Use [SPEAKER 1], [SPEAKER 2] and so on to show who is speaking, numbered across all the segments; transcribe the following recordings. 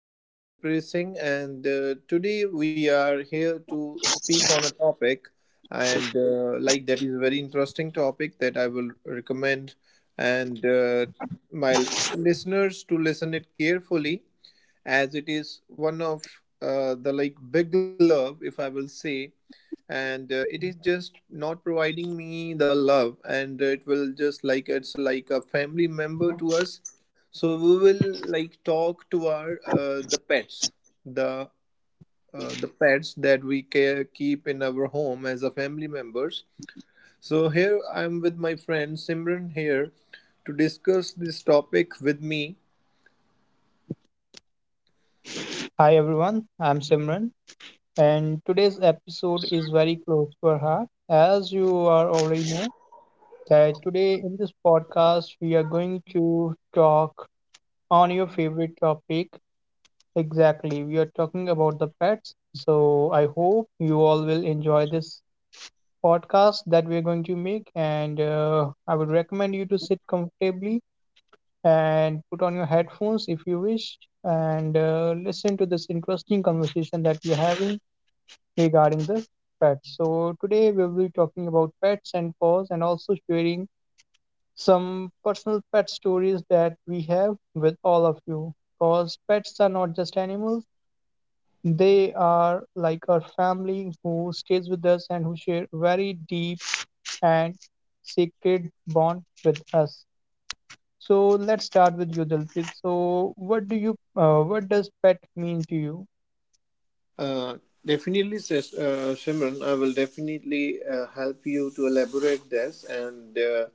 [SPEAKER 1] Myself Delpreet Singh, and today we are here to speak on a topic, and like that is a very interesting topic that I will recommend, and my listeners to listen it carefully as it is one of the like big love if I will say, and it is just not providing me the love and it will just like it's like a family member to us, so we will like talk to our the pets, the the pets that we care keep in our home as a family members. So here I'm with my friend simran here to discuss this topic with me.
[SPEAKER 2] Hi everyone, I'm Simran, and today's episode is very close to our heart. As you are already know, that today in this podcast we are going to talk on your favorite topic. Exactly, we are talking about the pets. So I hope you all will enjoy this podcast that we are going to make, and I would recommend you to sit comfortably and put on your headphones if you wish and listen to this interesting conversation that we're having regarding the pets. So, today we'll be talking about pets and paws and also sharing some personal pet stories that we have with all of you because pets are not just animals. They are like our family who stays with us and who share very deep and sacred bond with us. So let's start with you, Dalpit. So what does pet mean to you?
[SPEAKER 1] Uh, Definitely, Simran. I will definitely help you to elaborate this. And uh,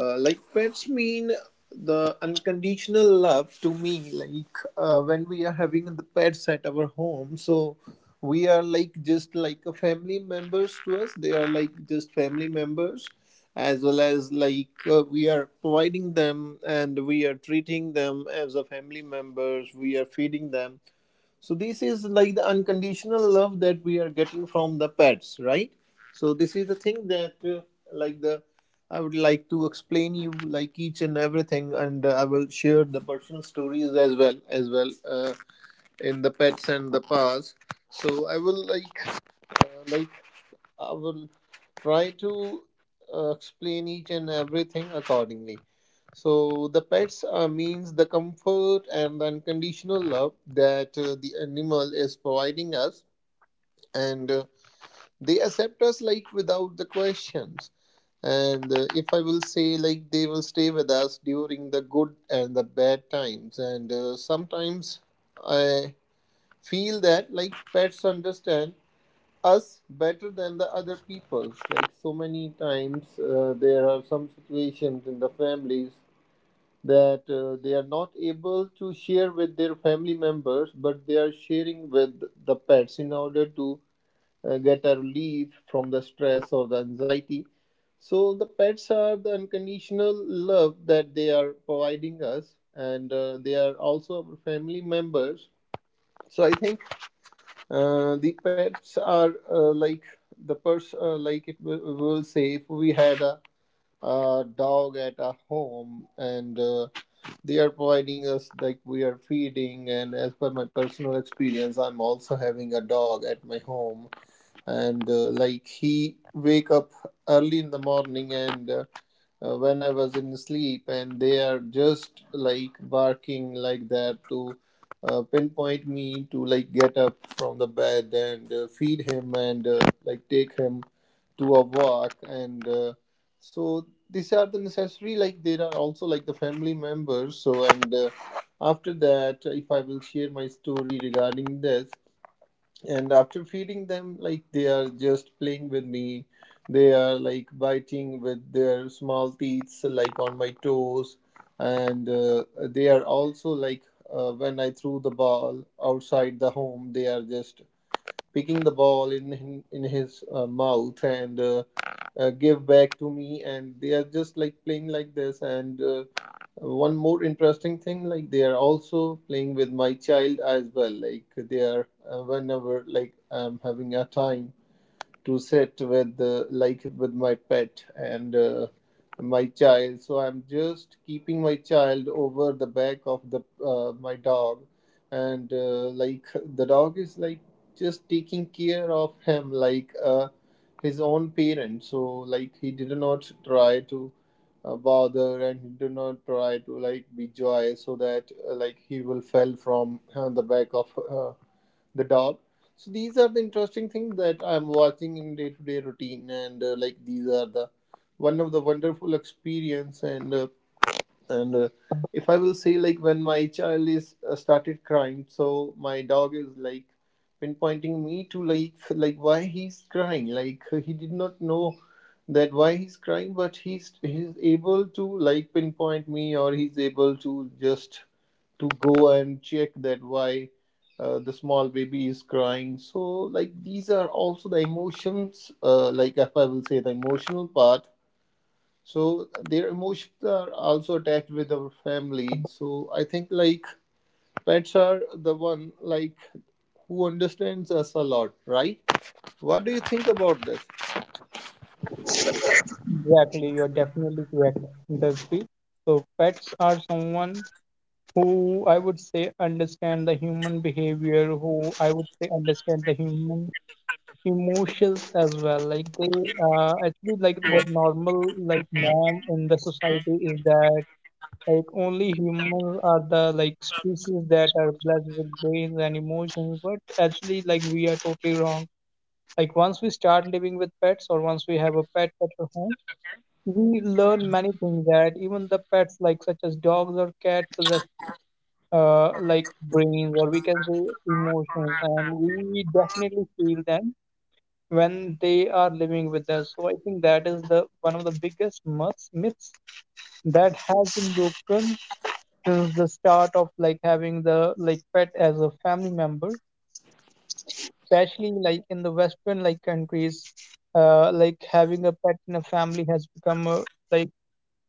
[SPEAKER 1] uh, like pets mean the unconditional love to me. Like when we are having the pets at our home, so we are like just like a family members to us. They are like just family members. As well as like we are providing them and we are treating them as a family members, we are feeding them, so this is like the unconditional love that we are getting from the pets, right? So this is the thing that like the I would like to explain you like each and everything, and I will share the personal stories as well in the pets and the paws. So I will like I will try to explain each and everything accordingly. So the pets means the comfort and the unconditional love that the animal is providing us, and they accept us like without the questions. And if I will say like they will stay with us during the good and the bad times, and sometimes I feel that like pets understand us better than the other peoples. Like so many times, there are some situations in the families that they are not able to share with their family members, but they are sharing with the pets in order to get a relief from the stress or the anxiety. So the pets are the unconditional love that they are providing us, and they are also our family members. So I think the pets are like the person like it will say if we had a dog at a home, and they are providing us like we are feeding, and as per my personal experience I'm also having a dog at my home, and like he wake up early in the morning, and when I was in sleep and they are just like barking like that to pinpoint me to like get up from the bed and feed him and like take him to a walk, and so these are the necessary like there are also like the family members so, and after that if I will share my story regarding this. And after feeding them, like they are just playing with me, they are like biting with their small teeth so, like on my toes, and they are also like when I threw the ball outside the home they are just picking the ball in his mouth and give back to me and they are just like playing like this, and one more interesting thing, like they are also playing with my child as well, like they are whenever like I'm having a time to sit with like with my pet and my child, so I'm just keeping my child over the back of the my dog, and like the dog is like just taking care of him like his own parent, so like he did not try to bother and he did not try to like be joy so that like he will fell from the back of uh, the dog. So these are the interesting things that I'm watching in day to day routine, and like these are the one of the wonderful experience, and and uh, if I will say like when my child is started crying, so my dog is like pinpointing me to like like why he's crying, like he did not know that why he's crying, but he's able to like pinpoint me, or he's able to just to go and check that why the small baby is crying. So like these are also the emotions, like if I will say the emotional part, so their emotions are also attached with our family. So I think like pets are the one like who understands us a lot, right? What do you think about this?
[SPEAKER 2] Exactly, you're definitely correct, Dalpit. So pets are someone who I would say understand the human behavior, who I would say understand the human emotions as well. Like they actually like what normal like norm in the society is that like only humans are the like species that are blessed with brains and emotions, but actually like we are totally wrong. Like once we start living with pets or once we have a pet at our home, we learn many things that even the pets like such as dogs or cat possess like brains or we can say emotions and we definitely feel them when they are living with us. So I think that is the one of the biggest myths that has been broken since the start of like having the like pet as a family member, especially like in the western like countries. Like having a pet in a family has become a, like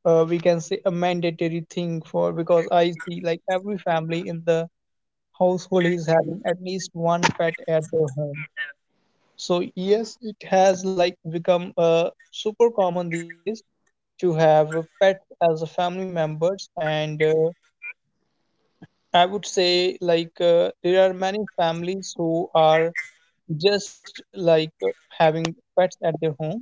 [SPEAKER 2] we can say a mandatory thing for because I see like every family in the household is having at least one pet at their home. So yes, it has like become super common these days to have a pet as a family members, and I would say like there are many families who are just like having pets at their home,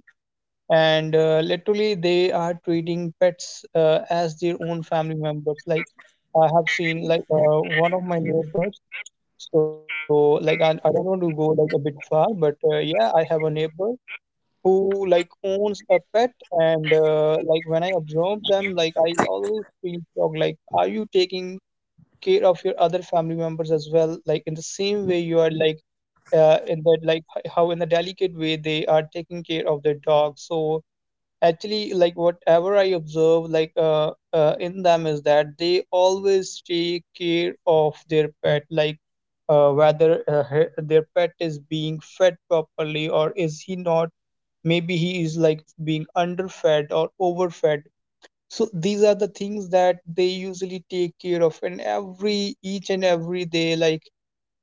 [SPEAKER 2] and literally they are treating pets as their own family members. Like I have seen like one of my neighbors, so like I don't want to go like a bit far, but yeah, I have a neighbor who like owns a pet, and like when I observe them, like I always feel shocked, like are you taking care of your other family members as well like in the same way you are like in that like how in a delicate way they are taking care of their dog. So actually, like whatever I observe, like in them is that they always take care of their pet, like whether their pet is being fed properly or is he not. Maybe he is like being underfed or overfed. So these are the things that they usually take care of, and every each and every day,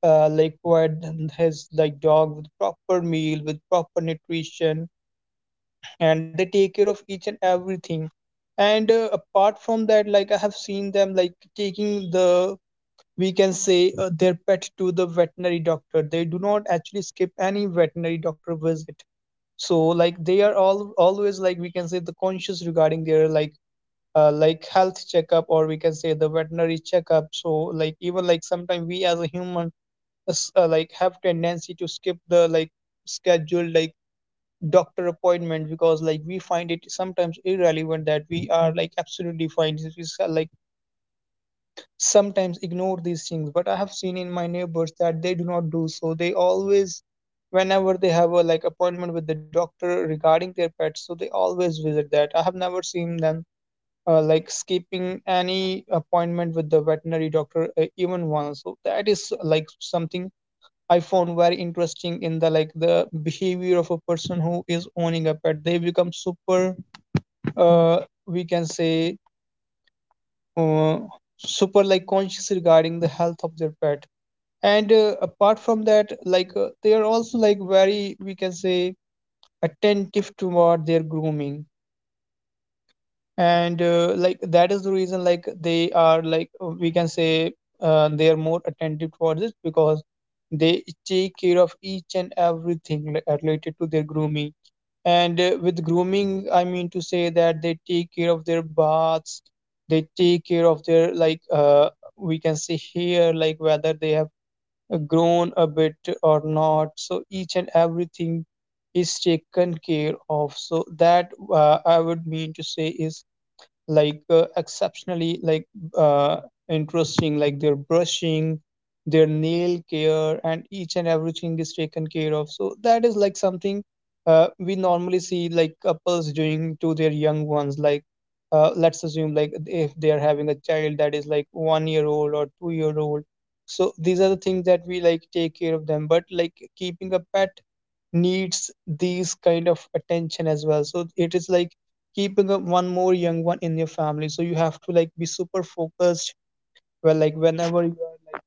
[SPEAKER 2] like provide them his like dog with proper meal, with proper nutrition, and they take care of each and everything. And apart from that, like I have seen them like taking the, we can say their pet to the veterinary doctor. They do not actually skip any veterinary doctor visit. So like they are all always like, we can say the conscious regarding their like health checkup or we can say the veterinary checkup. So like even like sometimes we as a human like have tendency to skip the like scheduled like doctor appointment because like we find it sometimes irrelevant that we are like absolutely fine. Like sometimes ignore these things, but I have seen in my neighbors that they do not do so. They always, whenever they have a like appointment with the doctor regarding their pets, so they always visit that. I have never seen them like skipping any appointment with the veterinary doctor even once. So that is like something I found very interesting in the like the behavior of a person who is owning a pet. They become super, uh, we can say, uh, super like conscious regarding the health of their pet. And apart from that, like they are also like very, we can say, attentive toward their grooming. And like that is the reason like they are like we can say they are more attentive towards it because they take care of each and everything like, related to their grooming. And with grooming I mean to say that they take care of their baths, they take care of their like we can say hair, like whether they have grown a bit or not. So each and everything is taken care of. So that I would mean to say is like exceptionally like uh, interesting, like their brushing, their nail care, and each and everything is taken care of. So that is like something we normally see like couples doing to their young ones. Like let's assume like if they are having a child that is like 1 year old or 2 year old. So these are the things that we like take care of them, but like keeping a pet needs these kind of attention as well. So it is like keeping up one more young one in your family. So you have to like be super focused well like whenever you are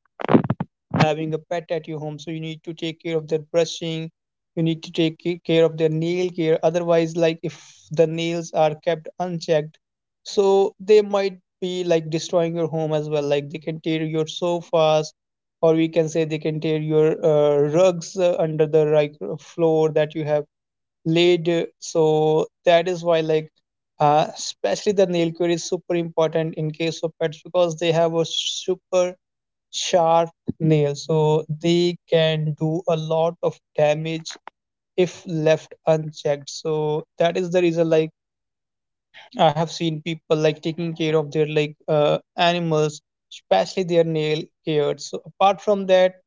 [SPEAKER 2] like having a pet at your home. So you need to take care of their brushing, you need to care of their nail care. Otherwise, like if the nails are kept unchecked, so they might be like destroying your home as well. Like they can tear your sofas, or we can say they can tear your rugs under the like floor that you have laid, so that is why like especially the nail care is super important in case of pets because they have a super sharp nail, so they can do a lot of damage if left unchecked. So that is the reason like I have seen people like taking care of their like animals, especially their nail care. So apart from that,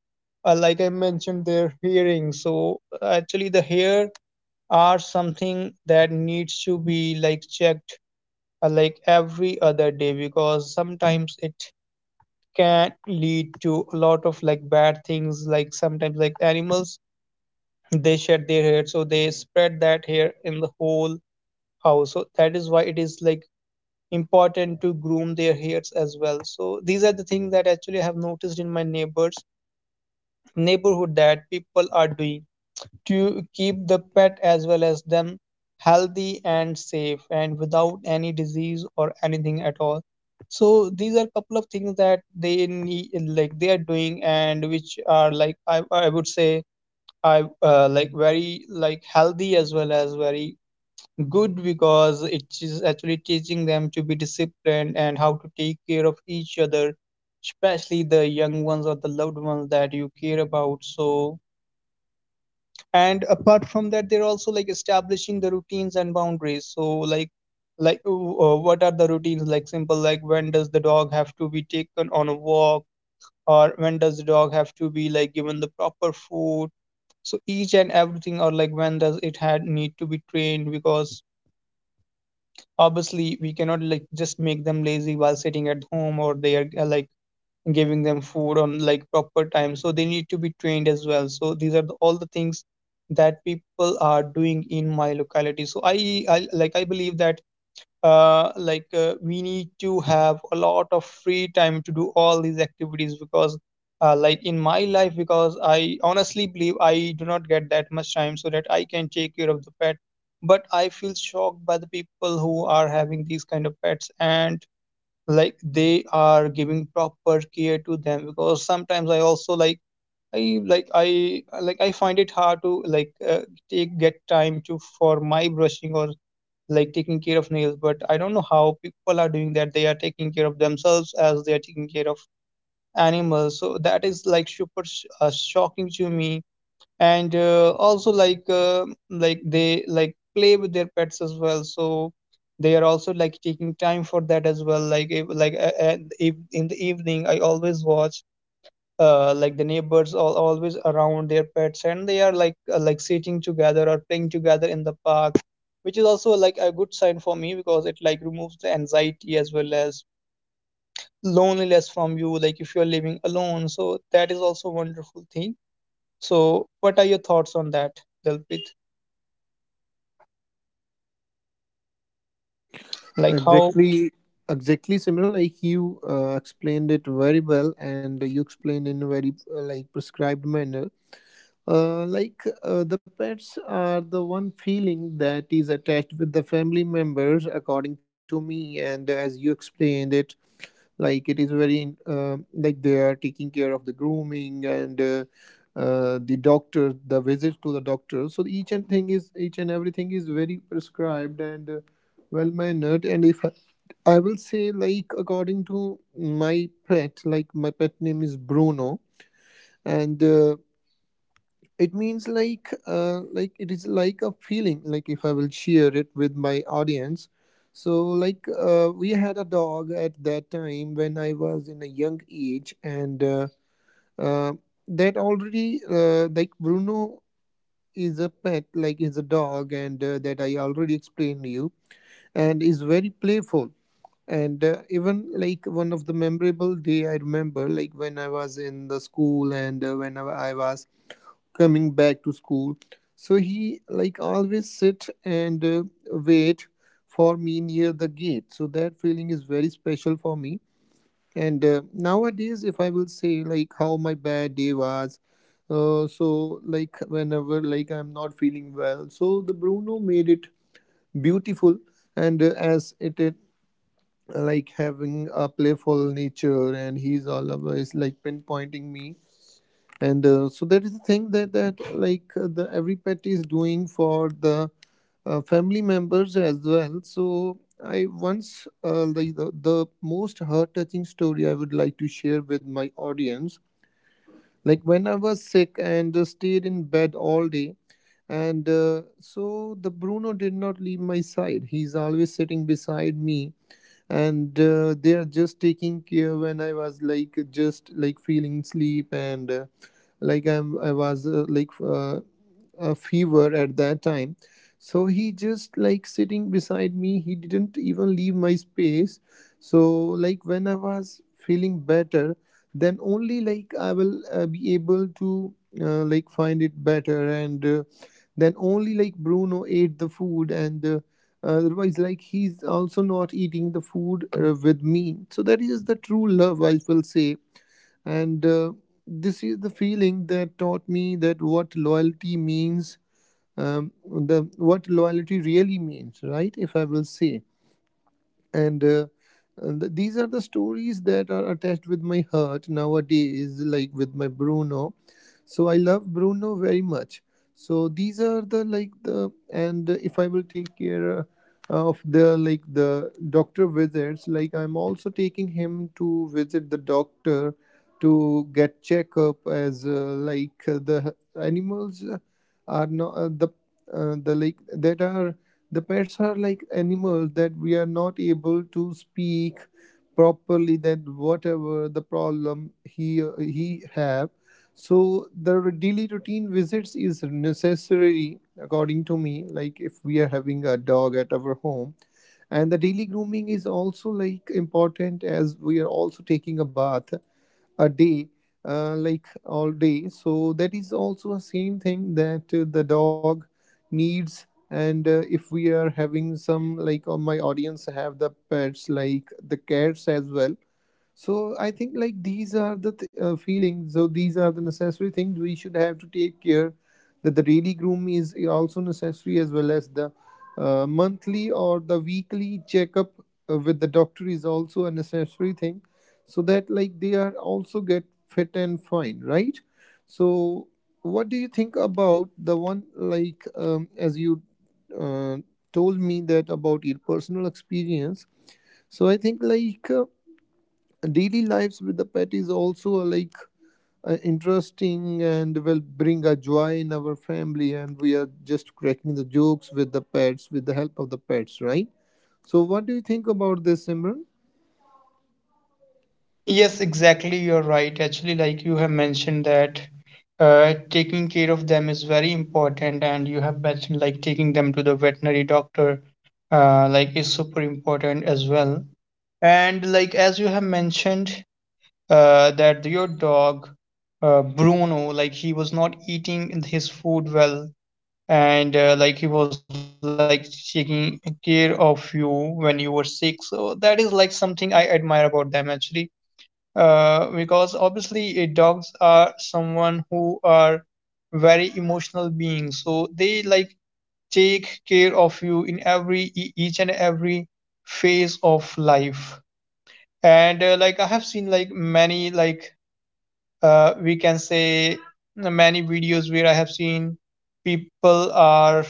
[SPEAKER 2] like I mentioned their hearing, so actually the hair are something that needs to be like checked like every other day, because sometimes it can lead to a lot of like bad things. Like sometimes like animals, they shed their hair, so they spread that hair in the whole house. So that is why it is like important to groom their hairs as well. So these are the things that actually I have noticed in my neighbors neighborhood that people are doing to keep the pet as well as them healthy and safe and without any disease or anything at all. So these are couple of things that they need, like they are doing, and which are like I would say I like very like healthy as well as very good, because it is actually teaching them to be disciplined and how to take care of each other, especially the young ones or the loved ones that you care about. So and apart from that, they're also like establishing the routines and boundaries. So like what are the routines, like simple, like when does the dog have to be taken on a walk, or when does the dog have to be like given the proper food, so each and everything. Or like when does it had need to be trained, because obviously we cannot like just make them lazy while sitting at home, or they are like giving them food on like proper time, so they need to be trained as well. So these are the, all the things that people are doing in my locality. So I like I believe that like we need to have a lot of free time to do all these activities because like in my life, because I honestly believe I do not get that much time so that I can take care of the pet. But I feel shocked by the people who are having these kind of pets and like they are giving proper care to them, because sometimes I also like I find it hard to like take get time to for my brushing or like taking care of nails. But I don't know how people are doing that they are taking care of themselves as they are taking care of animals. So that is like super shocking to me. And also Like like they like play with their pets as well, so they are also like taking time for that as well. Like if, in the evening, I always watch like the neighbors all always around their pets, and they are like sitting together or playing together in the park, which is also like a good sign for me because it like removes the anxiety as well as loneliness from you, like if you're living alone. So that is also a wonderful thing. So, what are your thoughts on that, Dalpit? Like how?
[SPEAKER 1] Exactly, exactly similar. Like you explained it very well, and you explained in a very like prescribed manner. Like the pets are the one feeling that is attached with the family members, according to me, and as you explained it, like it is very like they are taking care of the grooming and the doctor the visits to the doctor, so each and thing is each and everything is very prescribed and well mannered. And if I, I will say like according to my pet, like my pet name is Bruno, and it means like it is like a feeling, like if I will share it with my audience. So like we had a dog at that time when I was in a young age, and uh, that already like Bruno is a pet like is a dog, and that I already explained to you, and is very playful. And even like one of the memorable day I remember, like when I was in the school, and whenever I was coming back to school, so he like always sit and wait for me near the gate, so that feeling is very special for me. And nowadays, if I will say like how my bad day was, so like whenever like I'm not feeling well, so the Bruno made it beautiful. And as it is like having a playful nature and he's always like pinpointing me, and so that is the thing that like the every pet is doing for the family members as well. So I once like the most heart touching story I would like to share with my audience, like when I was sick and stayed in bed all day, and so the Bruno did not leave my side, he's always sitting beside me, and they are just taking care when I was like just like feeling sleep. And like I was like a fever at that time, so he just like sitting beside me, he didn't even leave my space. So like when I was feeling better, then only like I will be able to like find it better, and then only like Bruno ate the food, and otherwise like he's also not eating the food with me. So that is the true love I will say. And this is the feeling that taught me that what loyalty means, the what loyalty really means, right? If I will say. And these are the stories that are attached with my heart nowadays, like with my Bruno. So I love Bruno very much. So these are the like the, and if I will take care of the like the doctor visits, like I'm also taking him to visit the doctor to get checkup, as like the animals are not the the like that are the pets are like animals that we are not able to speak properly. That whatever the problem he have, so the daily routine visits is necessary according to me. Like if we are having a dog at our home, and the daily grooming is also like important, as we are also taking a bath a day like all day, so that is also a same thing that the dog needs. And if we are having some, like on my audience have the pets like the cats as well, so I think like these are the feelings. So these are the necessary things we should have to take care, that the daily groom is also necessary, as well as the monthly or the weekly checkup with the doctor is also a necessary thing, so that like they are also get fit and fine, right? So what do you think about the one as you uh, told me that about your personal experience? So I think like daily lives with the pet is also interesting and will bring a joy in our family, and we are just cracking the jokes with the pets, with the help of the pets, right? So what do you think about this, Simran?
[SPEAKER 2] Yes, exactly. You're right. Actually, like you have mentioned that taking care of them is very important, and you have mentioned like taking them to the veterinary doctor, like is super important as well. And like as you have mentioned, that your dog, Bruno, like he was not eating his food well, and like he was like taking care of you when you were sick. So that is like something I admire about them. Actually, because obviously dogs are someone who are very emotional beings, so they like take care of you in every each and every phase of life. And like I have seen like many like we can say many videos where I have seen people are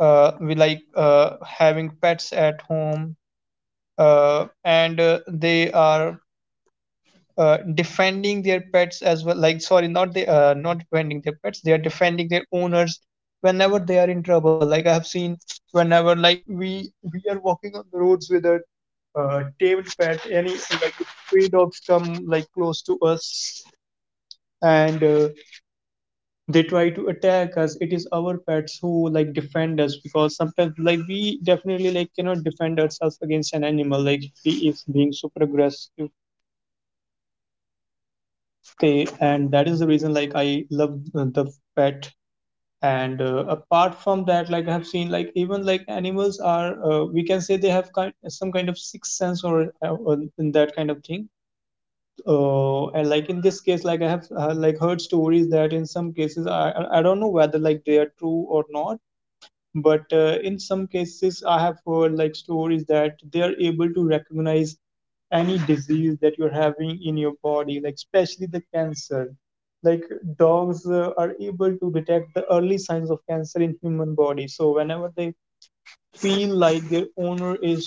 [SPEAKER 2] we like having pets at home, and they are defending their pets as well. Like, sorry, not defending their pets, they are defending their owners whenever they are in trouble. Like I have seen whenever like we are walking on the roads with a tamed pet, any like if stray dogs come like close to us and they try to attack us, it is our pets who like defend us, because sometimes like we definitely like cannot defend ourselves against an animal like he is being super aggressive. They, and that is the reason like I love the pet. And apart from that, like I have seen like even like animals are, we can say they have kind some kind of sixth sense or in that kind of thing. And like in this case, like I have like heard stories that in some cases, I I don't know whether like they are true or not, but in some cases I have heard like stories that they are able to recognize any disease that you're having in your body, like especially the cancer. Like dogs are able to detect the early signs of cancer in human body. So whenever they feel like their owner is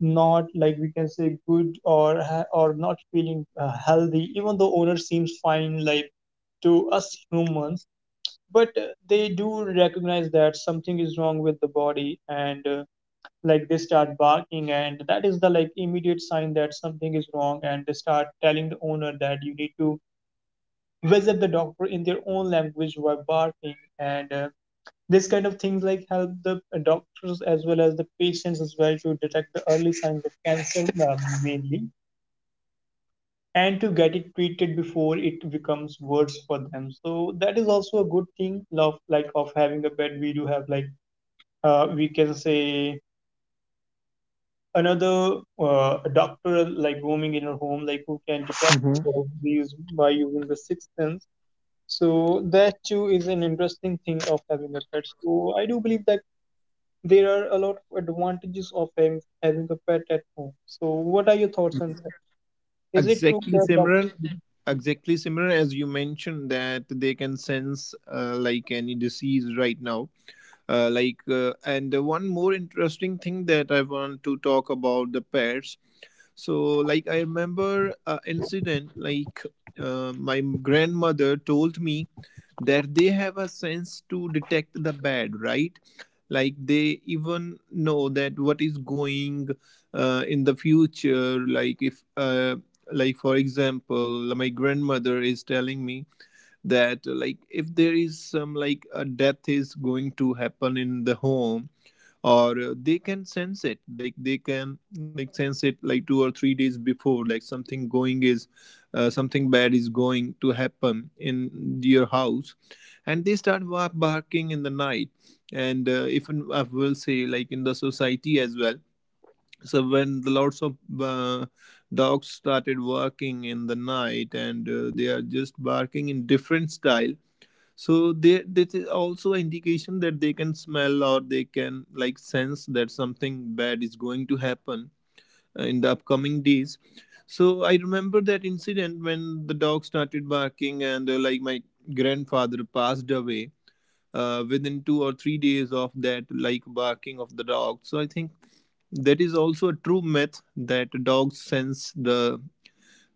[SPEAKER 2] not, like we can say, good or or not feeling healthy, even though owner seems fine like to us humans, but they do recognize that something is wrong with the body. And like they start barking, and that is the like immediate sign that something is wrong, and they start telling the owner that you need to visit the doctor in their own language while barking. And this kind of things like help the doctors as well as the patients as well to detect the early signs of cancer mainly, and to get it treated before it becomes worse for them. So that is also a good thing of like of having a pet. We do have like, we can say, another doctor like roaming in her home, like who can detect
[SPEAKER 1] Mhm.
[SPEAKER 2] these by using the sixth sense. So that too is an interesting thing of having a pet. So I do believe that there are a lot of advantages of having a pet at home. So what are your thoughts on that? Is it true
[SPEAKER 1] Exactly,
[SPEAKER 2] that
[SPEAKER 1] Simran. Exactly, Simran. As you mentioned, that they can sense like any disease right now. And one more interesting thing that I want to talk about the pets. So, like, I remember an incident, my grandmother told me that they have a sense to detect the bad, right? Like, they even know that what is going in the future. Like, if, like, for example, my grandmother is telling me that, if there is some, like, a death is going to happen in the home, or they can sense it, like they can like sense it like 2 or 3 days before, like something bad is going to happen in your house, and they start barking in the night. And if I will say like in the society as well, so when the lots of dogs started working in the night, and they are just barking in different style. So they this is also an indication that they can smell or they can like sense that something bad is going to happen in the upcoming days. So I remember that incident when the dog started barking, and like my grandfather passed away within 2 or 3 days of that like barking of the dog. So I think that is also a true myth that dogs sense the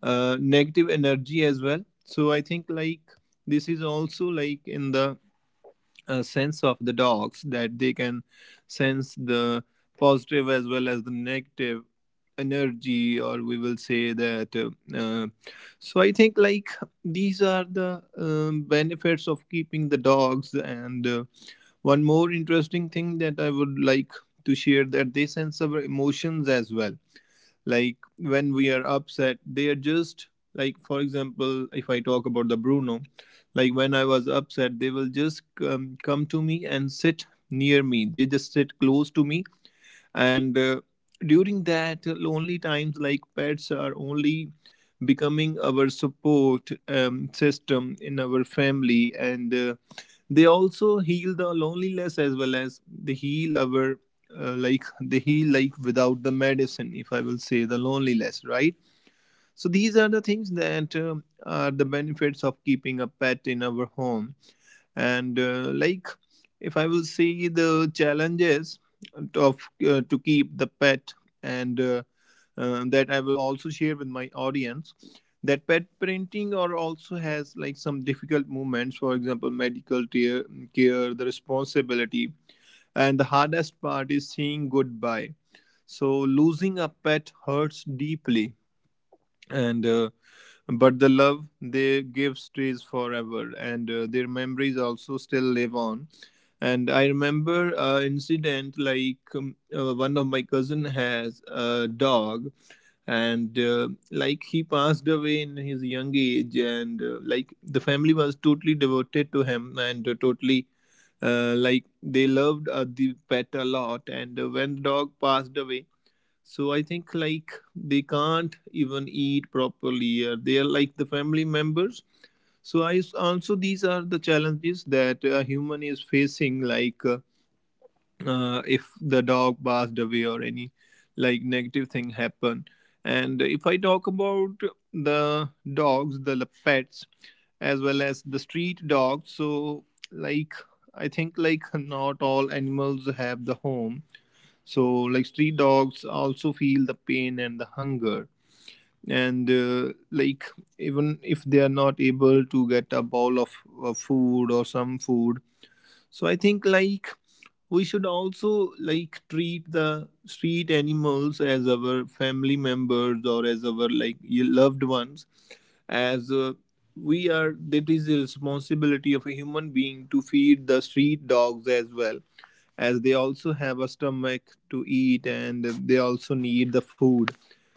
[SPEAKER 1] negative energy as well. So I think like this is also like in the a sense of the dogs, that they can sense the positive as well as the negative energy, or we will say that so I think like these are the benefits of keeping the dogs. And one more interesting thing that I would like to share, that they sense our emotions as well. Like when we are upset, they are just like, for example, if I talk about the Bruno, like when I was upset, they will just come to me and sit near me, they just sit close to me. And during that lonely times, like pets are only becoming our support system in our family. And they also heal the loneliness, as well as they heal our they heal like without the medicine, if I will say, the loneliness, right? So these are the things that are the benefits of keeping a pet in our home. And like if I will see the challenges of to keep the pet, and that I will also share with my audience, that pet parenting or also has like some difficult moments, for example medical care, care, the responsibility, and the hardest part is saying goodbye. So losing a pet hurts deeply, and but the love they give stays forever, and their memories also still live on. And I remember incident like one of my cousin has a dog, and like he passed away in his young age. And like the family was totally devoted to him, and totally like they loved the pet a lot. And when the dog passed away, so I think like they can't even eat properly. They are like the family members. So also these are the challenges that a human is facing. Like if the dog passed away, or any like negative thing happened. And if I talk about the dogs, the pets, as well as the street dogs, so like I think like not all animals have the home. So, like, street dogs also feel the pain and the hunger. And like even if they are not able to get a bowl of food or some food, so I think like we should also like treat the street animals as our family members or as our like loved ones, as we are. That is the responsibility of a human being to feed the street dogs as well, as they also have a stomach to eat, and they also need the food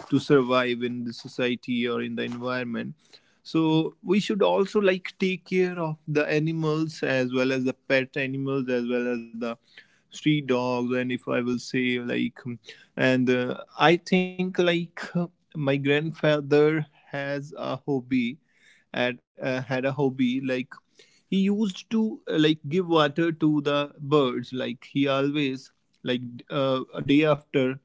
[SPEAKER 1] to survive in the society or in the environment. So we should also like take care of the animals, as well as the pet animals, as well as the street dogs. And if I will say like and I think like my grandfather has a hobby, and had a hobby, like he used to like give water to the birds. Like he always like a day after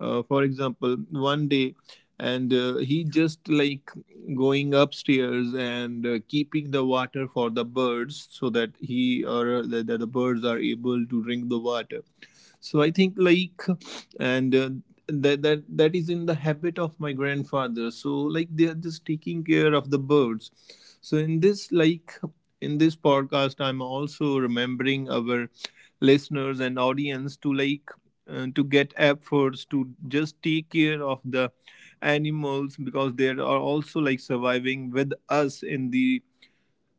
[SPEAKER 1] for example one day, and he just like going upstairs and keeping the water for the birds, so that he or that the birds are able to drink the water. So I think like, and that is in the habit of my grandfather. So like they are just taking care of the birds. So in this like, in this podcast, I'm also remembering our listeners and audience to like to get efforts to just take care of the animals, because they are also like surviving with us in the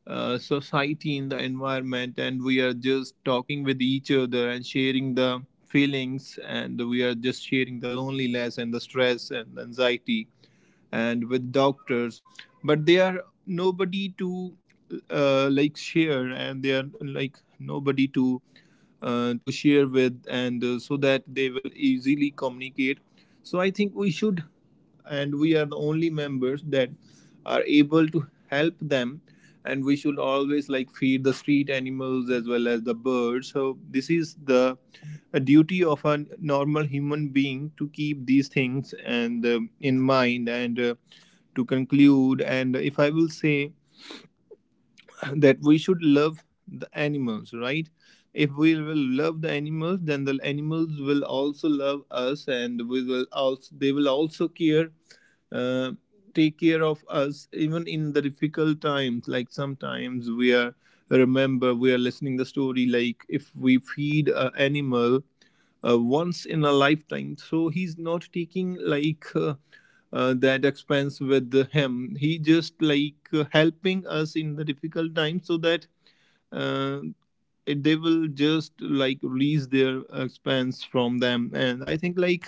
[SPEAKER 1] society, in the environment. And we are just talking with each other and sharing the feelings, and we are just sharing the loneliness and the stress and anxiety, and with doctors. But they are nobody to like share, and they are like nobody to share with. And so that they will easily communicate. So I think we should, and we are the only members that are able to help them, and we should always like feed the street animals as well as the birds. So this is the a duty of a normal human being to keep these things and in mind. And to conclude, and if I will say that we should love the animals, right? If we will love the animals, then the animals will also love us, and we will also they will also care, uh, take care of us even in the difficult times. Like sometimes we are remember we are listening the story, like if we feed an animal once in a lifetime, so he's not taking like that expense with him. He just like helping us in the difficult times, so that uh, it, they will just like release their expense from them. And I think like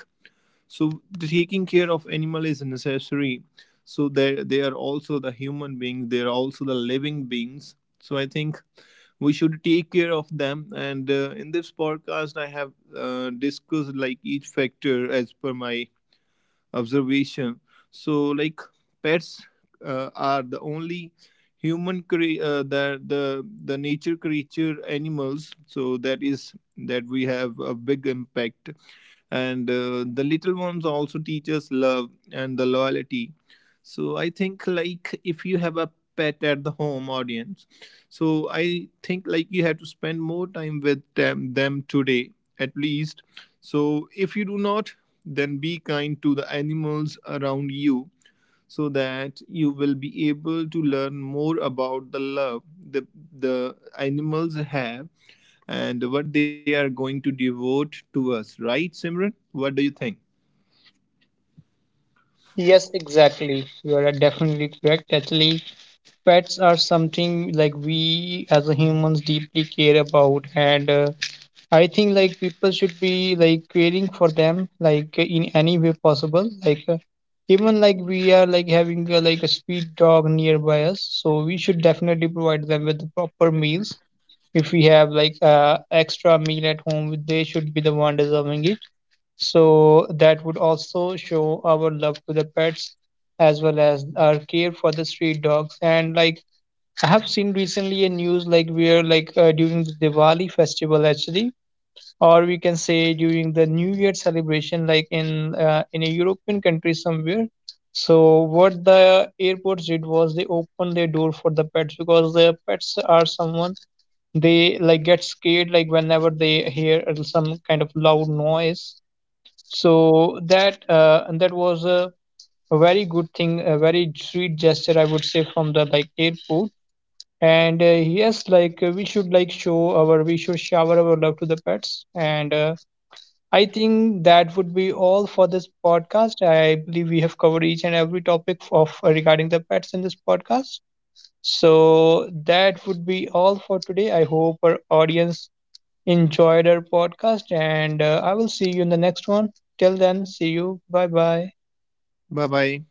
[SPEAKER 1] so taking care of animal is necessary. So they are also the human beings. They are also the living beings. So I think we should take care of them. And in this podcast, I have discussed like each factor as per my observation. So, like pets are the only that the nature creature animals. So that is that we have a big impact. And the little ones also teach us love and the loyalty. So I think like, if you have a pet at the home, audience, so I think like you have to spend more time with them today, at least. So if you do not, then be kind to the animals around you, so that you will be able to learn more about the love the the animals have, and what they are going to devote to us, right, Simran? What do you think?
[SPEAKER 2] Yes, exactly. You are definitely correct. Actually, pets are something like we as a humans deeply care about, and I think like people should be like caring for them like in any way possible. Like even like we are like having like a street dog nearby us, so we should definitely provide them with the proper meals. If we have like extra meal at home, they should be the one deserving it. So that would also show our love to the pets, as well as our care for the street dogs. And like I have seen recently a news like where like during the Diwali festival, actually, or we can say during the new year celebration, like in a european country somewhere. So what the airports did was they opened their door for the pets, because the pets are someone they like get scared like whenever they hear some kind of loud noise. So that and that was a very good thing, a very sweet gesture I would say from the like airport. And yes, like we should like show our we should shower our love to the pets. And I think that would be all for this podcast. I believe we have covered each and every topic of regarding the pets in this podcast. So that would be all for today. I hope our audience enjoyed our podcast, and I will see you in the next one. Till then, see you. Bye bye.
[SPEAKER 1] Bye bye.